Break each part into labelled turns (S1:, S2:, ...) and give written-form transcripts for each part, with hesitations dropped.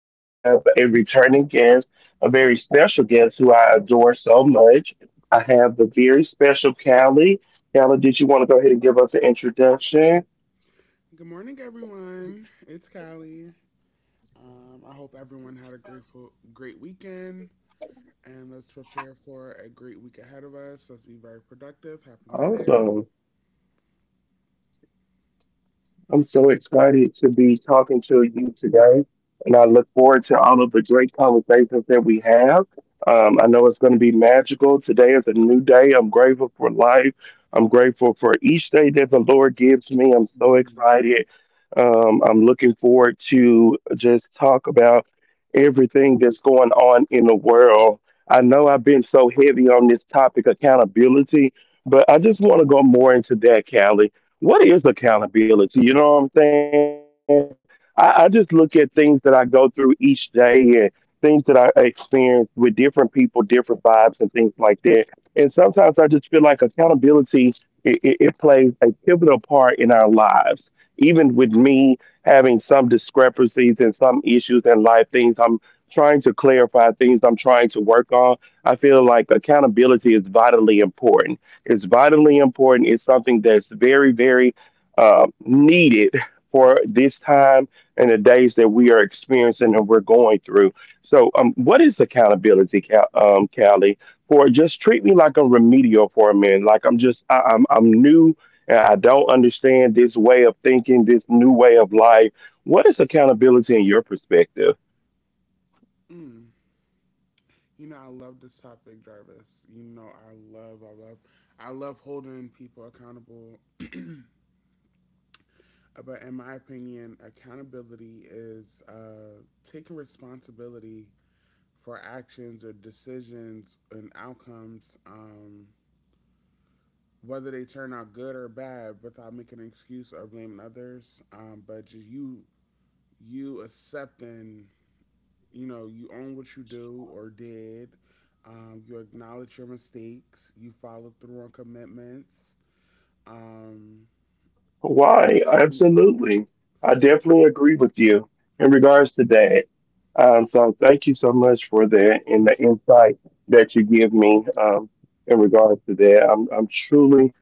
S1: I do have a returning guest, a very special guest who I adore so much. I have the very special Callie. Callie, did you want to go ahead and give us an introduction?
S2: Good morning, everyone. It's Callie. I hope everyone had a grateful, great weekend, and let's prepare for a great week ahead of us. Let's be very productive. Happy Monday.
S1: Awesome. I'm so excited to be talking to you today, and I look forward to all of the great conversations that we have. I know it's going to be magical. Today is a new day. I'm grateful for life. I'm grateful for each day that the Lord gives me. I'm so
S2: Amen.
S1: excited. I'm looking forward to just talk about everything that's going on in the world. I know I've been so heavy on this topic, accountability, but I just want to go more into that, Callie, what is accountability? You know what I'm saying? I just look at things that I go through each day and things that I experience with different people, different vibes, and things like that. And sometimes I just feel like accountability, it plays a pivotal part in our lives. Even with me having some discrepancies and some issues in life, things I'm trying to clarify, things I'm trying to work on, I feel like accountability is vitally important, it's vitally important. It's something that's very, very needed for this time and the days that we are experiencing and we're going through. So, what is accountability, Callie? For just treat me like a remedial for a minute, like I'm just I'm new and I don't understand this way of thinking, this new way of life. What is accountability in your perspective?
S2: Mm. You know, I love this topic, Jarvis. You know, I love holding people accountable. But in my opinion, accountability is taking responsibility for actions or decisions and outcomes. Whether they turn out good or bad without making an excuse or blaming others, but just you accepting, you know, you own what you do or did, you acknowledge your mistakes, you follow through on commitments um,
S1: Why? Absolutely. I definitely agree with you in regards to that. So thank you so much for that and the insight that you give me in regards to that. I'm truly.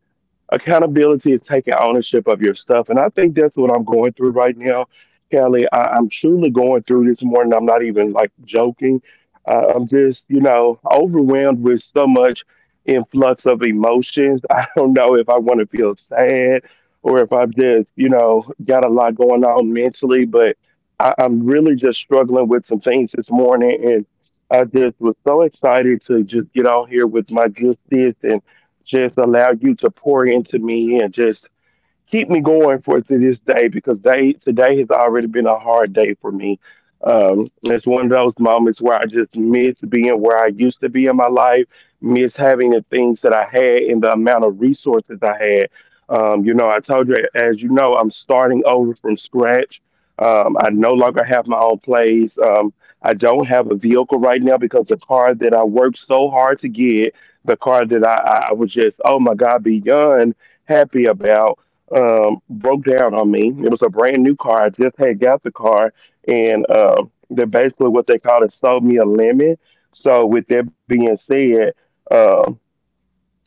S1: Accountability is taking ownership of your stuff. And I think that's what I'm going through right now, Kelly. I'm truly going through this morning. I'm not even like joking. I'm just, you know, overwhelmed with so much influx of emotions. I don't know if I want to feel sad or if I've just, you know, got a lot going on mentally, but I'm really just struggling with some things this morning. And I just was so excited to just get on here with my good sis, just allow you to pour into me and just keep me going for to this day because they today has already been a hard day for me. It's one of those moments where I just miss being where I used to be in my life, miss having the things that I had and the amount of resources I had. You know, I told you, as you know, I'm starting over from scratch. I no longer have my own place. I don't have a vehicle right now because the car that I worked so hard to get, the car that I was just, oh my God, beyond happy about, broke down on me. It was a brand new car. I just had got the car, and they basically what they call it sold me a lemon. So with that being said, um,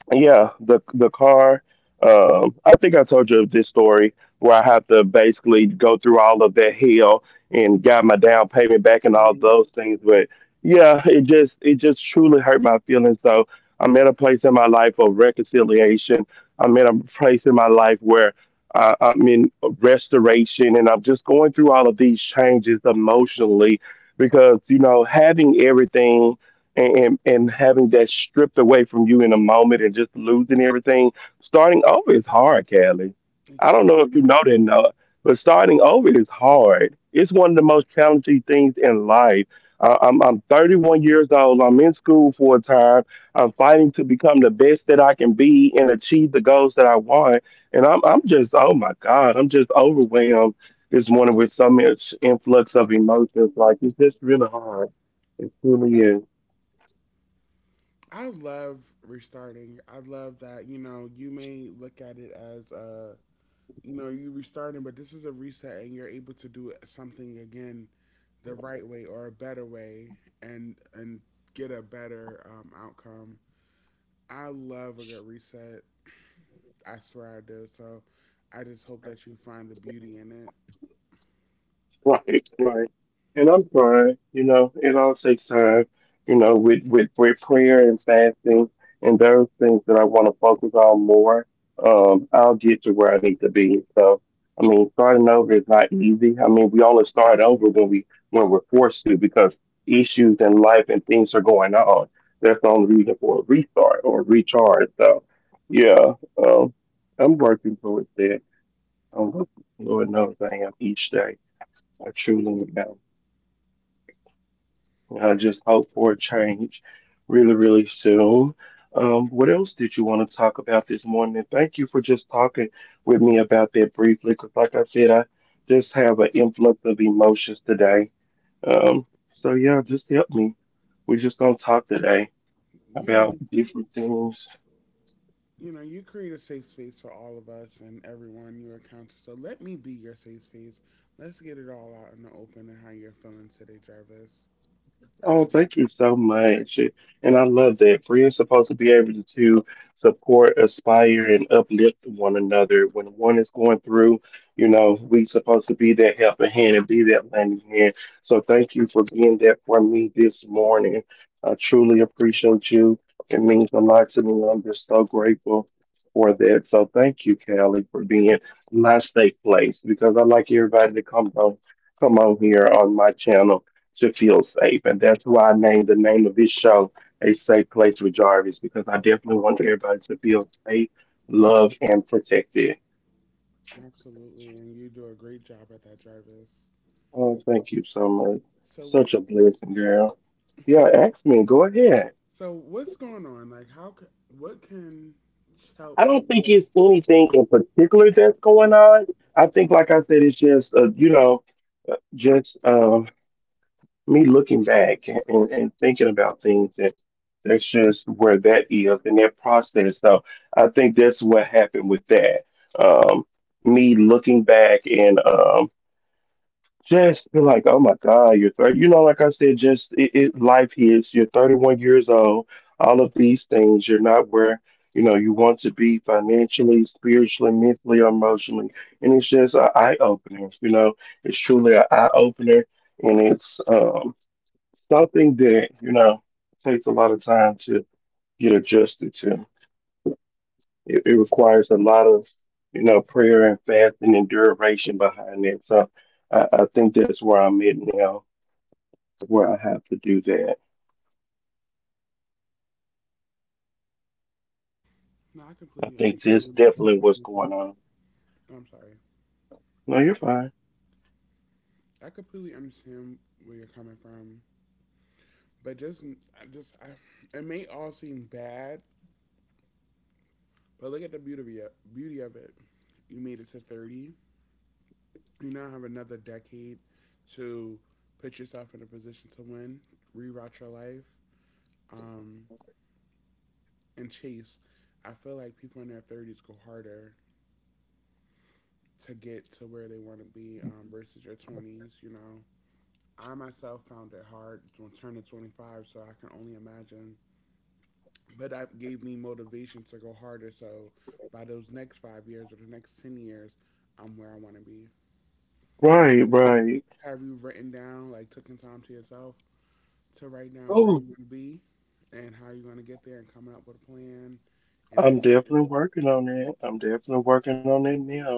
S1: yeah, the car. I think I told you this story where I had to basically go through all of that hell and got my down payment back and all
S2: Mhm.
S1: those things. But yeah, it just truly hurt my feelings. So I'm at a place in my life of reconciliation. I'm at a place in my life where I'm in restoration, and I'm just going through all of these changes emotionally because you know having everything and having that stripped away from you in a moment and just losing everything. Starting over is hard, Callie.
S2: It
S1: I don't know
S2: can
S1: if you
S2: be.
S1: know that, Noah, but starting over is hard. It's one of the most challenging things in life. I'm 31 years old. I'm in school for a time. I'm fighting to become the best that I can be and achieve the goals that I want. And I'm just oh my God, I'm just overwhelmed this morning with so much influx of emotions. Like it's just really hard. It truly is.
S2: I love restarting. I love that, you may look at it as a you restarting, but this is a reset and you're able to something again the right way or a better way, and get a better outcome. I love a good reset. I swear I do. So I just hope that you find the beauty in it.
S1: Right, right. And I'm trying, you know, it all takes time, you know, with prayer and fasting and those things that I want to focus on more, I'll get to where I need to be. So, I mean, starting over is not easy. I mean, we only start over when we're forced to because issues in life and things are going on. That's the only reason for a restart or a recharge. So, yeah, um, I'm working towards that. I'm working, Lord knows I am each day. I truly am. I just hope for a change really, really soon. What else did you want to talk about this morning? And thank you for just talking with me about that briefly, because like I said, I just have an influx of emotions today. Um, so yeah, just help me. We're just gonna talk today
S2: you
S1: about
S2: know
S1: different things.
S2: you know you create a safe space for all of us and everyone you encounter, so let me be your safe space. Let's get it all out in the open and how you're feeling today, Jarvis.
S1: Oh, thank you so much. And I love that. Friends supposed to be able to support, aspire, and uplift one another. When one is going through, you know, we supposed to be that helping hand and be that lending hand. So thank you for being there for me this morning. I truly appreciate you. It means a lot to me. I'm just so grateful for that. So thank you, Callie, for being my safe place because I like everybody to come on here on my channel to feel safe. And that's why I named the name of this show A Safe Place with Jarvis, because I definitely want everybody to feel safe, loved, and protected.
S2: Absolutely, and you do a great job at that, Jarvis.
S1: Oh, thank you so much.
S2: so what
S1: Such a blessing, girl. Yeah, ask me. Go ahead.
S2: So what's going on? Like, how can what can
S1: I
S2: help?
S1: don't think it's anything in particular that's going on. I think, like I said, it's just, you know, just me looking back and, and thinking about things, and that's just where that is in that process. So I think that's what happened with that. Um, me looking back and just be like, oh my God, you're 30. You know, like I said, just it, it life hits. You're 31 years old. All of these things, you're not where you know you want to be financially, spiritually, mentally, emotionally, and it's just an eye opener. You know, it's truly an eye opener, and it's something that you know takes a lot of time to get adjusted to. It requires a lot of, you know, prayer and fasting and duration behind it. So I think that's where I'm at now, where I have to do that.
S2: No, I
S1: I
S2: completely
S1: think that's
S2: understand what
S1: definitely
S2: you're
S1: what's
S2: saying.
S1: going on.
S2: I'm sorry.
S1: No, you're fine.
S2: I completely understand where you're coming from, but it may all seem bad, but look at the beauty of it. You made it to 30. You now have another decade to put yourself in a position to win, rewrite your life, um, and chase. I feel like people in their 30s go harder to get to where they want to be, versus your 20s. I myself found it hard to turn to 25, so I can only imagine. But that gave me motivation to go harder. So by those next 5 years or the next 10 years, I'm where I want to be.
S1: Right, right.
S2: Have you written down, like, taking time to yourself to write down where you
S1: Oh,
S2: want to be and how you're going to get there and coming up with a plan and
S1: I'm
S2: think?
S1: definitely working on that. I'm definitely working on that now.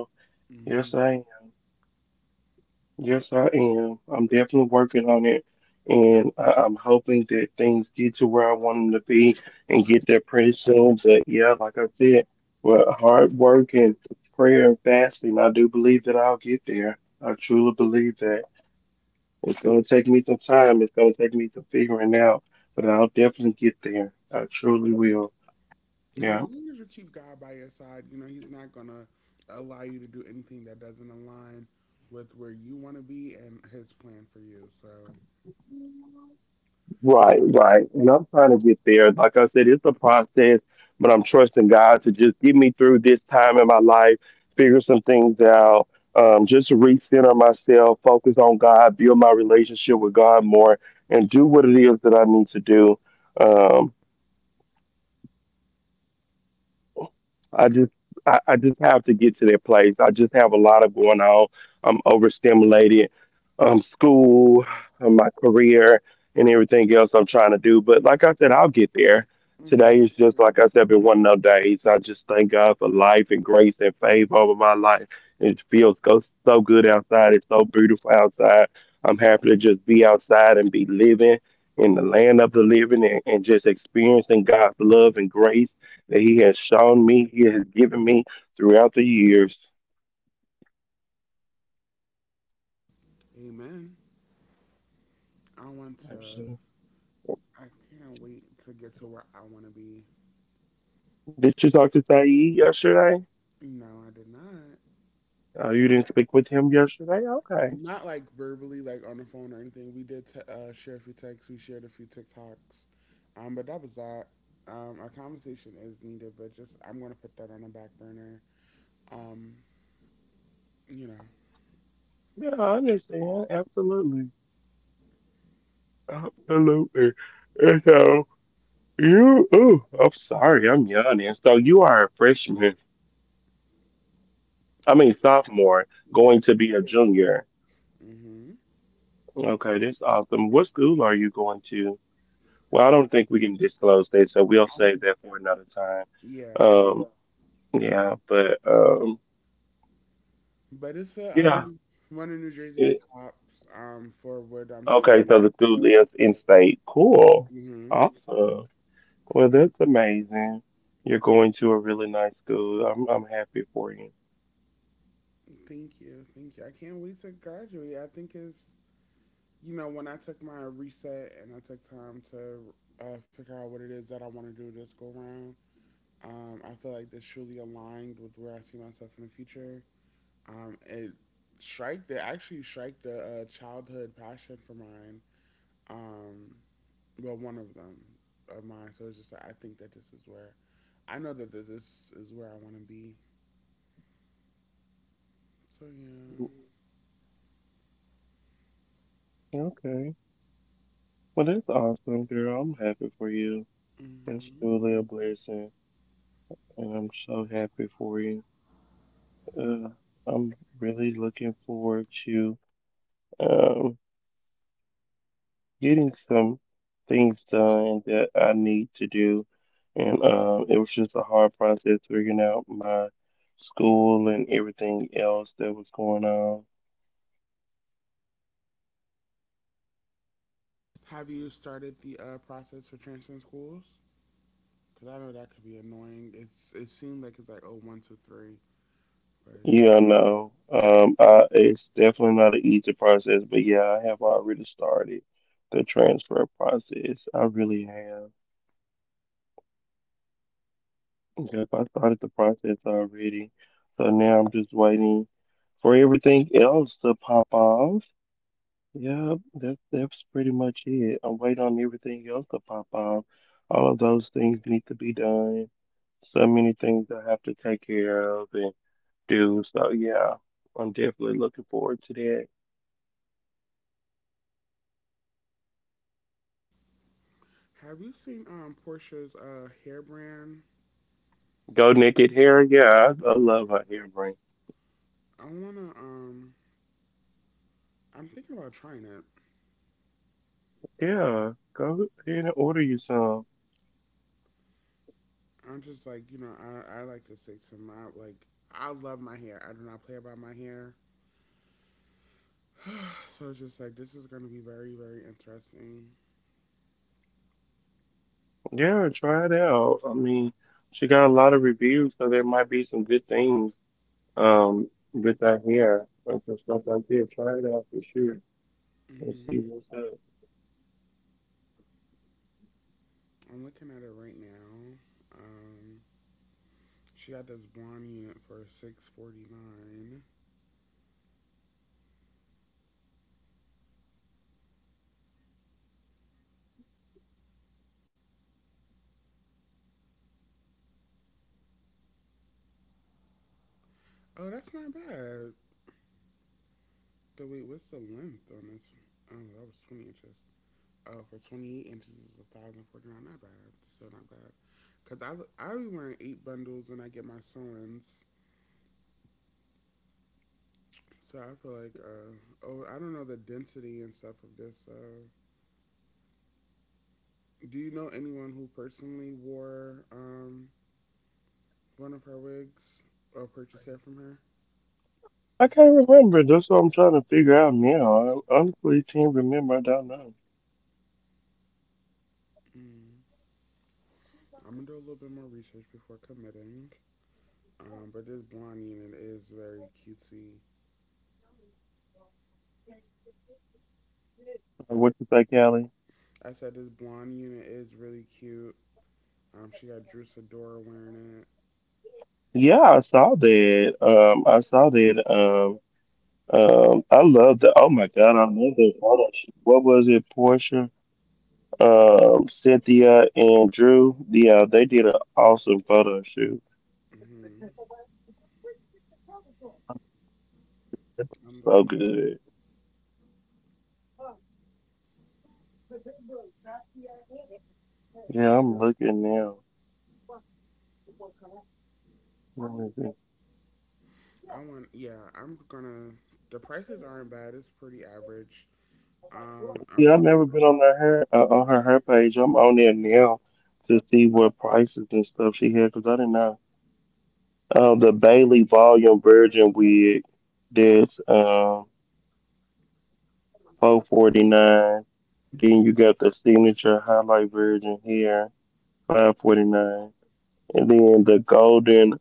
S1: Yes,
S2: Hmm.
S1: I am. Yes, I am. I'm definitely working on it, and I'm hoping that things get to where I want them to be and get there pretty soon. But yeah, like I said, with hard work and prayer and fasting, I do believe that I'll get there. I truly believe that. It's going to take me some time. It's going to take me some figuring out, but I'll definitely get there. I truly will.
S2: And
S1: Yeah.
S2: as long as you keep God by your side, He's not going to allow you to do anything that doesn't align with where you want to be and His plan for you. So,
S1: Right, right. And I'm trying to get there. Like I said, it's a process, but I'm trusting God to just get me through this time in my life, figure some things out, just recenter myself, focus on God, build my relationship with God more, and do what it is that I need to do. Um, I just I just have to get to that place. I just have a lot of going on. I'm overstimulated. Um, school, my career and everything else I'm trying to do. But like I said, I'll get there. Today
S2: hmm.
S1: is just, like I said, been one of those days. I just thank God for life and grace and favor over my life. It feels so, so good outside. It's so beautiful outside. I'm happy to just be outside and be living in the land of the living, and just experiencing God's love and grace that He has shown me, He has given me throughout the years.
S2: Amen. I want to,
S1: I
S2: I can't wait to get to where I want to be.
S1: Did you talk to Saeed yesterday?
S2: No, I did not.
S1: Oh, you didn't speak with him yesterday? Okay.
S2: Not like verbally, like on the phone or anything. We did share a few texts, we shared a few TikToks. But that was that. Our conversation is needed, but just I'm going to put that on a back burner. Um, you know,
S1: Yeah, I understand. Absolutely. Absolutely. And so, you, oh, I'm sorry, I'm yawning. So, you are a freshman, I
S2: if-
S1: mean, sophomore, going
S2: Yes.
S1: to be a junior.
S2: Mm-hmm.
S1: Okay, that's awesome. What school are you going to? Well, I don't think we can disclose that, so we'll save that for another time.
S2: Yeah,
S1: Um. Yeah, but
S2: but it's a
S1: yeah.
S2: one of New Jersey's
S1: It-
S2: tops for what I'm
S1: okay,
S2: studying.
S1: so the school
S2: So
S1: lives in state. Cool.
S2: mm-hmm.
S1: Awesome. Well, that's amazing. You're going to a really nice school. I'm happy for you.
S2: Thank you, thank you. I can't wait to graduate. I think it's when I took my reset and I took time to figure out what it is that I want to do this go round. I feel like this truly aligned with where I see myself in the future. It strike the Actually strike the childhood passion for mine. Um, well, one of them of mine. So it's just like I think that this is where I know that this is where I want to be. So yeah.
S1: Mm. Okay. Well, that's awesome, girl. I'm happy for you. It's
S2: Hmm.
S1: truly a blessing, and I'm so happy for you. Uh, I'm really looking forward to um getting some things done that I need to do. And it was just a hard process figuring out my school and everything else that was going on.
S2: Have you started the process for transferring schools? Because I know that could be annoying. It seemed like it's like oh, 1, 2, 3. But
S1: Yeah, no, it's definitely not an easy process, but yeah, I have already started the transfer process. I really have. Yep, I started the process already. So now I'm just waiting for everything else to pop off. Yeah, that's pretty much it. I'm waiting on everything else to pop off. All of those things need to be done. So many things I have to take care of and do. So yeah, I'm definitely looking forward to that.
S2: have you seen Portia's hair brand?
S1: Go Naked Hair, yeah, I
S2: Yeah.
S1: love her hair brand.
S2: I wanna. I'm thinking about trying it.
S1: Yeah, go ahead and order you some.
S2: I'm just like, I like to stick to my, like, I love my hair. I do not play about my hair. So it's just like this is going to be very, very interesting.
S1: Yeah, try it out. I mean, she got a lot of reviews, so there might be some good things with that hair and some stuff like that. Try it out for sure, and see
S2: Hmm.
S1: what's up.
S2: I'm looking at it right now. Um, she got this blonde unit for 649. Oh, that's not bad. So wait, what's the length on this? Oh, that was 20 inches. Oh, for 28 inches is 1,049. Not bad. Still not bad. Cause I be wearing eight bundles when I get my sewings. So I feel like oh, I don't know the density and stuff of this. Do you know anyone who personally wore one of her wigs or purchased hair from her?
S1: I can't remember. That's what I'm trying to figure out now. I honestly can't remember. I don't know.
S2: Mm. I'm gonna do a little bit more research before committing. But this blonde unit is very cutesy.
S1: What you say, Callie?
S2: I said this blonde unit is really cute. She got Drew Sidora wearing it.
S1: Yeah, I saw that. I saw that. I love the. Oh my God, I love that photo shoot. What was it, Portia, Cynthia, and Drew? Yeah, they did an awesome photo shoot.
S2: Hmm.
S1: It
S2: I'm
S1: was so
S2: looking.
S1: good. Yeah, I'm looking now.
S2: I want. Yeah, I'm gonna. The prices aren't bad. It's pretty average. I'm
S1: Yeah, I've never been on her her on her page. I'm on there now to see what prices and stuff she had because I didn't know. The Bailey Volume Virgin wig, that's 449. Then you got the signature highlight virgin here, 549, and then the golden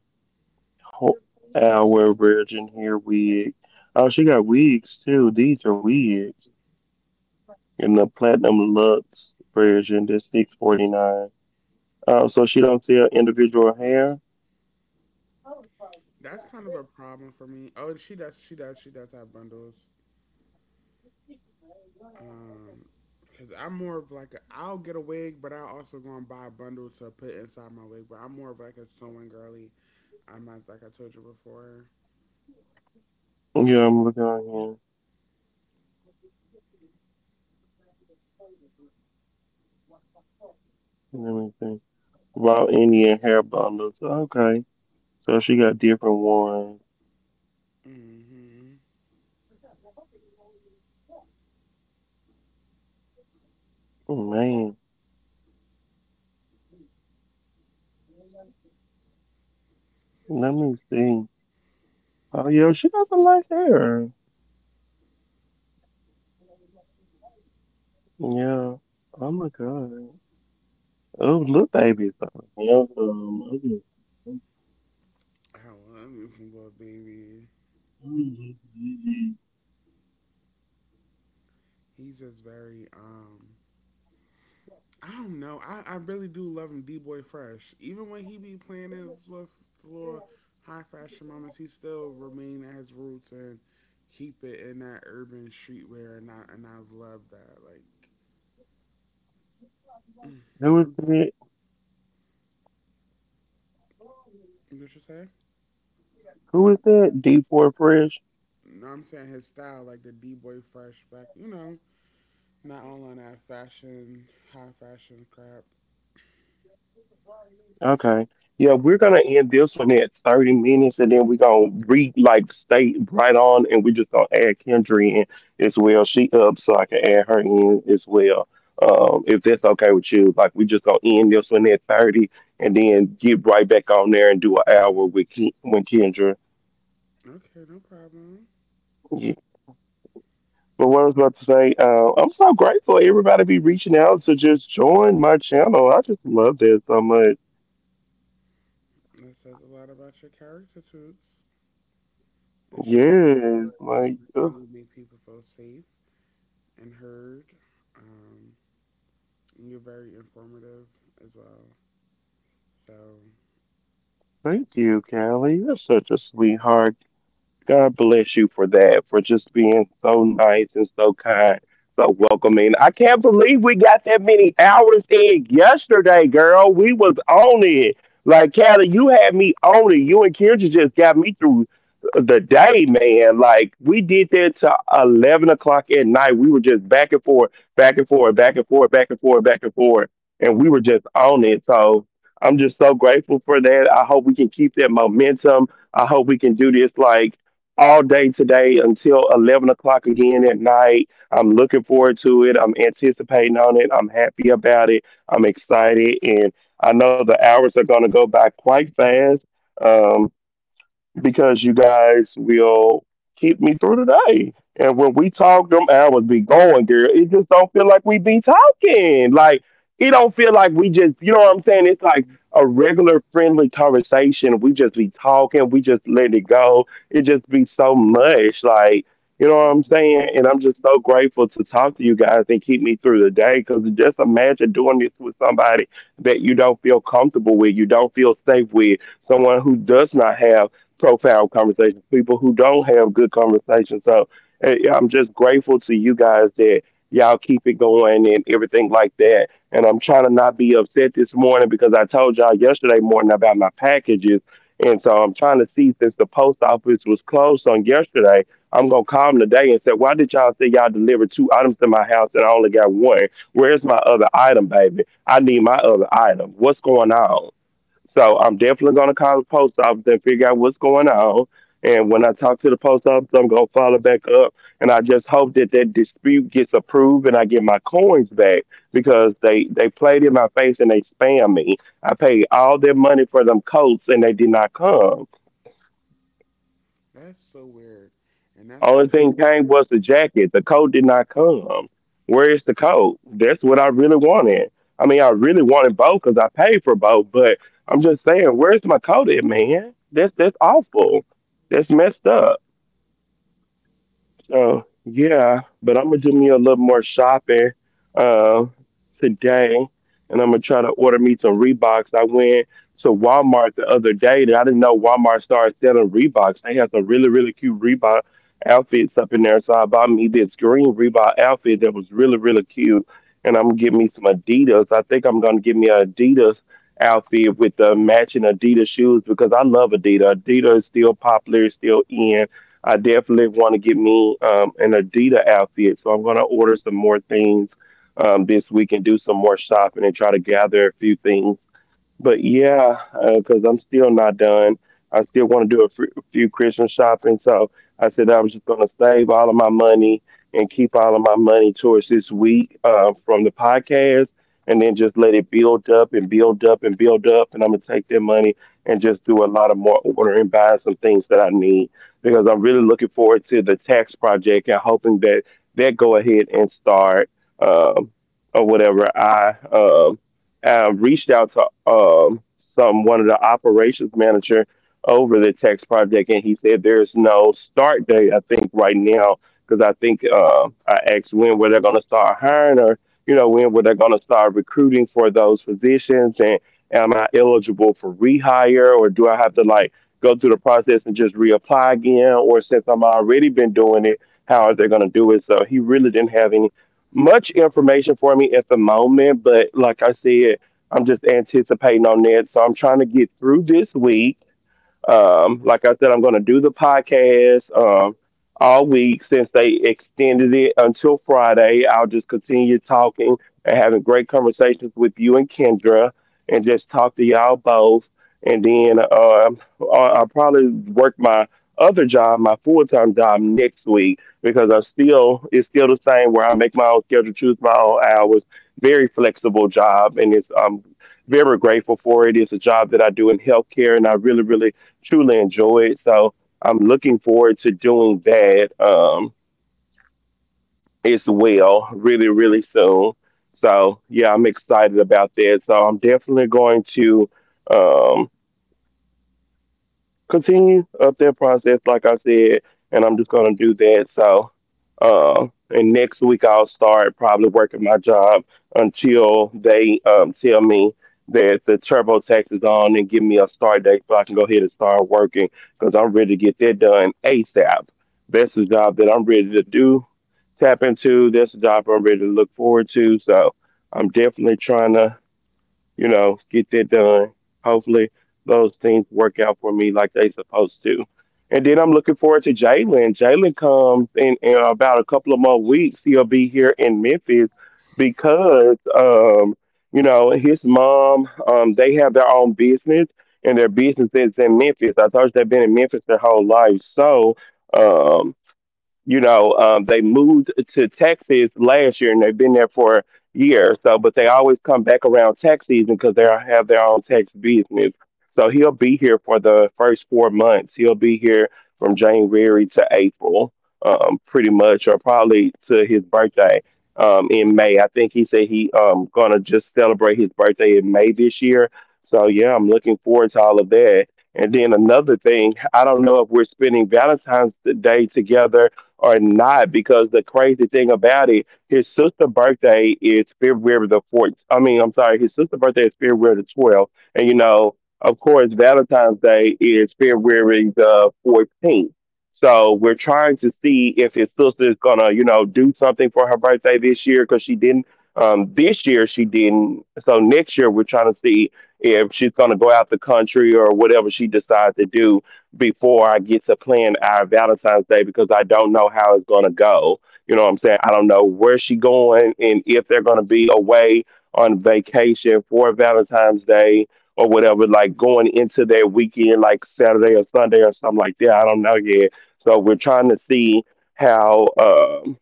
S1: Ho- hour virgin hair wig. Oh, she got wigs too. These are
S2: probably.
S1: wigs, and the platinum luxe version that's 649. So she don't sell individual hair.
S2: That's kind of a problem for me. Oh, she does. She does. She does have bundles. Um, because I'm more of like I'll get a wig, but I'll also go and buy a bundle to put inside my wig. But I'm more of like a sewing girly. I'm not, like, I told you before.
S1: Yeah, I'm looking on here. Let me think. Raw Indian hair bundles. Okay. So she got different ones.
S2: Mm-hmm.
S1: Oh, man, let me see. Oh yeah, she got some nice hair. Yeah. Oh my god. Oh, look, baby. Yeah, okay.
S2: I love me some little baby.
S1: Who
S2: He's just very. I don't know. I really do love him, D Boy Fresh. Even when he be playing his little, little high fashion moments, he still remain at his roots and keep it in that urban streetwear. And I love that. Like,
S1: is that?
S2: what you say?
S1: Who is that? D4 Fresh.
S2: You know what I'm saying, his style, like the D Boy Fresh back, not all on that fashion, high fashion crap.
S1: Okay. Yeah, we're gonna end this one at 30 minutes and then we're gonna read like state right on and we're just gonna add Kendra in as well. She up so I can add her in as well. If that's okay with you. Like we just gonna end this one at 30 and then get right back on there and do an hour with Kendra.
S2: Okay, no problem.
S1: Yeah. But what I was about to say, I'm so grateful everybody be reaching out to just join my channel. I just love that so much.
S2: That says a lot about your character, toots. It shows
S1: Yes,
S2: you're a good
S1: like
S2: person. You make people feel safe and heard. Um, and you're very informative as well. So
S1: Thank you, Callie. You're such a sweetheart. God bless you for that, for just being so nice and so kind, so welcoming. I can't believe we got that many hours in yesterday, girl. We was on it. Like Callie, you had me on it. You and Kendra just got me through the day, man. Like we did that to 11 o'clock at night. We were just back and forth, back and forth, back and forth, back and forth, back and forth. And we were just on it. So I'm just so grateful for that. I hope we can keep that momentum. I hope we can do this like all day today until 11 o'clock again at night. I'm looking forward to it. I'm anticipating on it. I'm happy about it. I'm excited. And I know the hours are going to go by quite fast. Um, because you guys will keep me through the day. And when we talk, them hours be going, girl. It just don't feel like we be talking. Like it don't feel like we just, you know what I'm saying? It's like a regular friendly conversation. We just be talking. We just let it go. It just be so much, like. You know what I'm saying? And I'm just so grateful to talk to you guys and keep me through the day. Because just imagine doing this with somebody that you don't feel comfortable with, you don't feel safe with, someone who does not have profound conversations, people who don't have good conversations. So yeah, I'm just grateful to you guys that y'all keep it going and everything like that. And I'm trying to not be upset this morning because I told y'all yesterday morning about my packages. And so I'm trying to see since the post office was closed on yesterday, I'm gonna call them today and say, why did y'all say y'all delivered 2 items to my house and I only got 1? Where's my other item, baby? I need my other item. What's going on? So I'm definitely gonna call the post office and figure out what's going on. And when I talk to the post office, I'm gonna follow back up. And I just hope that that dispute gets approved and I get my coins back because they played in my face and they spam me. I paid all their money for them coats and they did not come.
S2: that's so weird, and that's
S1: Only
S2: right.
S1: thing came was the jacket. The coat did not come. Where is the coat? That's what I really wanted. I mean, I really wanted both because I paid for both, but I'm just saying, where's my coat at, man? That's awful. That's messed up. So yeah, but I'm gonna do me a little more shopping uh, today, and I'm gonna try to order me some Reeboks. I went to Walmart the other day, that I didn't know Walmart started selling Reeboks. They had some really really cute Reebok outfits up in there, so I bought me this green Reebok outfit that was really really cute, and I'm gonna get me some Adidas. I think I'm gonna get me an Adidas outfit with the matching Adidas shoes because I love Adidas. Adidas is still popular, it's still in. I definitely want to get me an Adidas outfit. So I'm going to order some more things this week and do some more shopping and try to gather a few things but yeah, because I'm still not done. I still want to do a few Christmas shopping. So I said I was just going to save all of my money and keep all of my money towards this
S2: Mhm.
S1: week from the podcast and then just let it build up and build up and build up. And I'm going to take that money and just do a lot of more ordering, buying some things that I need because I'm really looking forward to the tax project and hoping that that go ahead and start um, or whatever. Reached out to some one of the operations manager over the tax project, and he said there's no start date. I think right now because I think I asked when were they going to start hiring, or you know when were they going to start recruiting for those positions, and am I eligible for rehire, or do I have to like go through the process and just reapply again, or since I'm already been doing it, how are they going to do it? So he really didn't have any much information for me at the moment, but like I said, I'm just anticipating on that. So I'm trying to get through this week like I said, I'm going to do the podcast all week since they extended it until Friday. I'll just continue talking and having great conversations with you and Kendra and just talk to y'all both. And then I'll probably work my other job, my full time job next week because I still, it's still the same where I make my own schedule, choose my own hours, very flexible job. And it's, I'm very grateful for it. It's a job that I do in healthcare and I really, really truly enjoyed. So I'm looking forward to doing that as well, really, really soon. So yeah, I'm excited about that. So I'm definitely going to. Um, Continue up their process, like I said, and I'm just gonna do that. So, and next week I'll start probably working my job until they tell me that the TurboTax is on and give me a start date so I can go ahead and start working because I'm ready to get that done ASAP. That's the job that I'm ready to do, tap into. That's the job I'm ready to look forward to. So I'm definitely trying to get that done. Hopefully, those things work out for me like they supposed to. And then I'm looking forward to Jalen. Jalen comes in about a couple of more weeks. He'll be here in Memphis because, his mom, they have their own business, and their business is in Memphis. I told you they've been in Memphis their whole life. So, um, they moved to Texas last year and they've been there for a year. So, but they always come back around tax season because they have their own tax business. So he'll be here for the first 4 months. He'll be here from January to April, pretty much, or probably to his birthday in May. I think he said he gonna just celebrate his birthday in May this year. So yeah, I'm looking forward to all of that. And then another thing, I don't know if we're spending Valentine's Day together or not, because the crazy thing about it, his sister' birthday is February the 14th. I mean, I'm sorry, his sister's birthday is February the 12th. And, of course, Valentine's Day is February the 14th. So we're trying to see if his sister is going to, do something for her birthday this year because she didn't. This year she didn't. So next year we're trying to see if she's going to go out the country or whatever she decides to do before I get to plan our Valentine's Day, because I don't know how it's going to go. You know what I'm saying? I don't know where she going and if they're going to be away on vacation for Valentine's Day or whatever, like going into their weekend, like Saturday or Sunday or something like that. I don't know yet. So we're trying to see how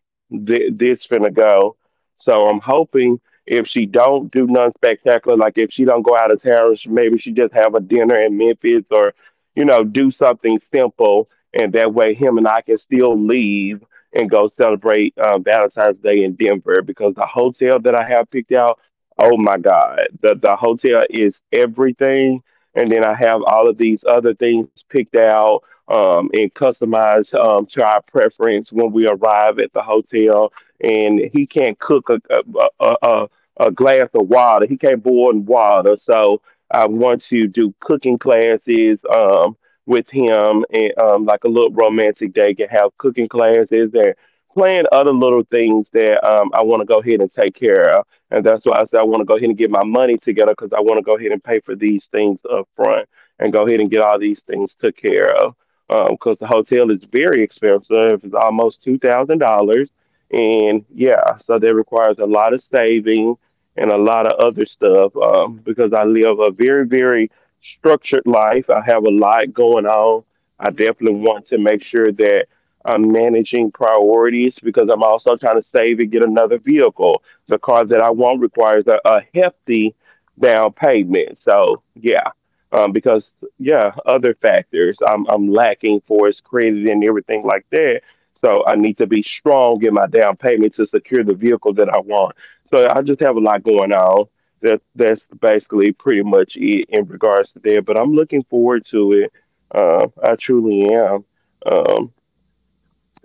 S1: this finna go. So I'm hoping if she don't do nothing spectacular, like if she don't go out of town, maybe she just have a dinner in Memphis or do something simple, and that way him and I can still leave and go celebrate Valentine's Day in Denver. Because the hotel that I have picked out, oh my God, the hotel is everything, and then I have all of these other things picked out and customized to our preference when we arrive at the hotel, and he can't cook a glass of water. He can't boil water, so I want to do cooking classes with him, and like a little romantic day, can have cooking classes and plan other little things that I want to go ahead and take care of. And that's why I said I want to go ahead and get my money together, because I want to go ahead and pay for these things up front and go ahead and get all these things took care of. Because the hotel is very expensive, it's almost $2,000, and yeah, so that requires a lot of saving and a lot of other stuff, because I live a very, very structured life. I have a lot going on. I
S2: Mhm.
S1: definitely want to make sure that I'm managing priorities, because I'm also trying to save and get another vehicle. The car that I want requires a hefty down payment. So, yeah. Because yeah, other factors I'm lacking for is credit and everything like that. So I need to be strong in my down payment to secure the vehicle that I want, so I just have a lot going on. That's basically pretty much it in regards to that. But I'm looking forward to it. I truly am. Um,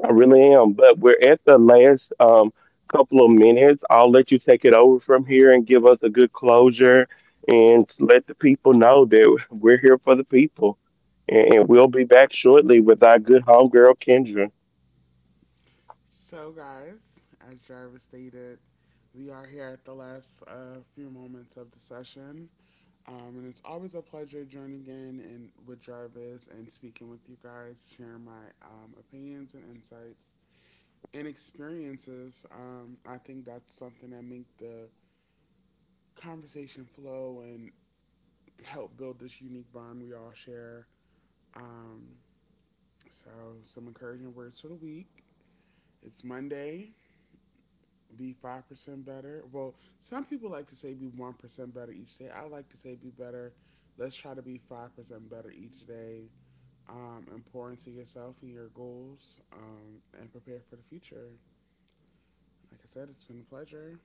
S1: I really am. But we're at the last couple of minutes. I'll let you take it over from here and give us a good closure and let the people know that we're here for the people. And we'll be back shortly with our good homegirl Kendra.
S2: So, guys, as Jarvis stated, we are here at the last few moments of the session. And it's always a pleasure joining in and with Jarvis and speaking with you guys, sharing my opinions and insights and experiences. I think that's something that makes the conversation flow and help build this unique bond we all share. Um, so, some encouraging words for the week. It's Monday. Be 5% better. Well, some people like to say be 1% better each day. I like to say be better. Let's try to be 5% better each day. Important to yourself and your goals, and prepare for the future. Like I said, it's been a pleasure,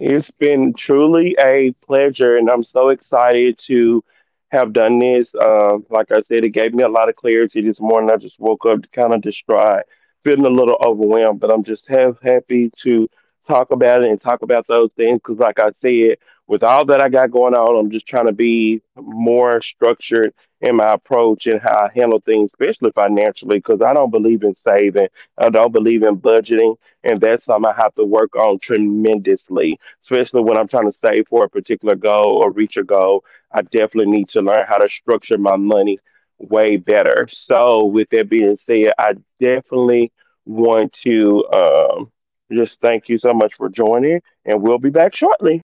S1: It's been truly a pleasure, and I'm so excited to have done this. Like I said, it gave me a lot of clarity this morning. I just woke up kind of distraught, feeling a little overwhelmed, but I'm just have happy to talk about it and talk about those things, because, like I said, with all that I got going on, I'm just trying to be more structured in my approach and how I handle things, especially financially, because I don't believe in saving. I don't believe in budgeting, and that's something I have to work on tremendously, especially when I'm trying to save for a particular goal or reach a goal. I definitely need to learn how to structure my money way better. So, with that being said, I definitely want to just thank you so much for joining, and we'll be back shortly.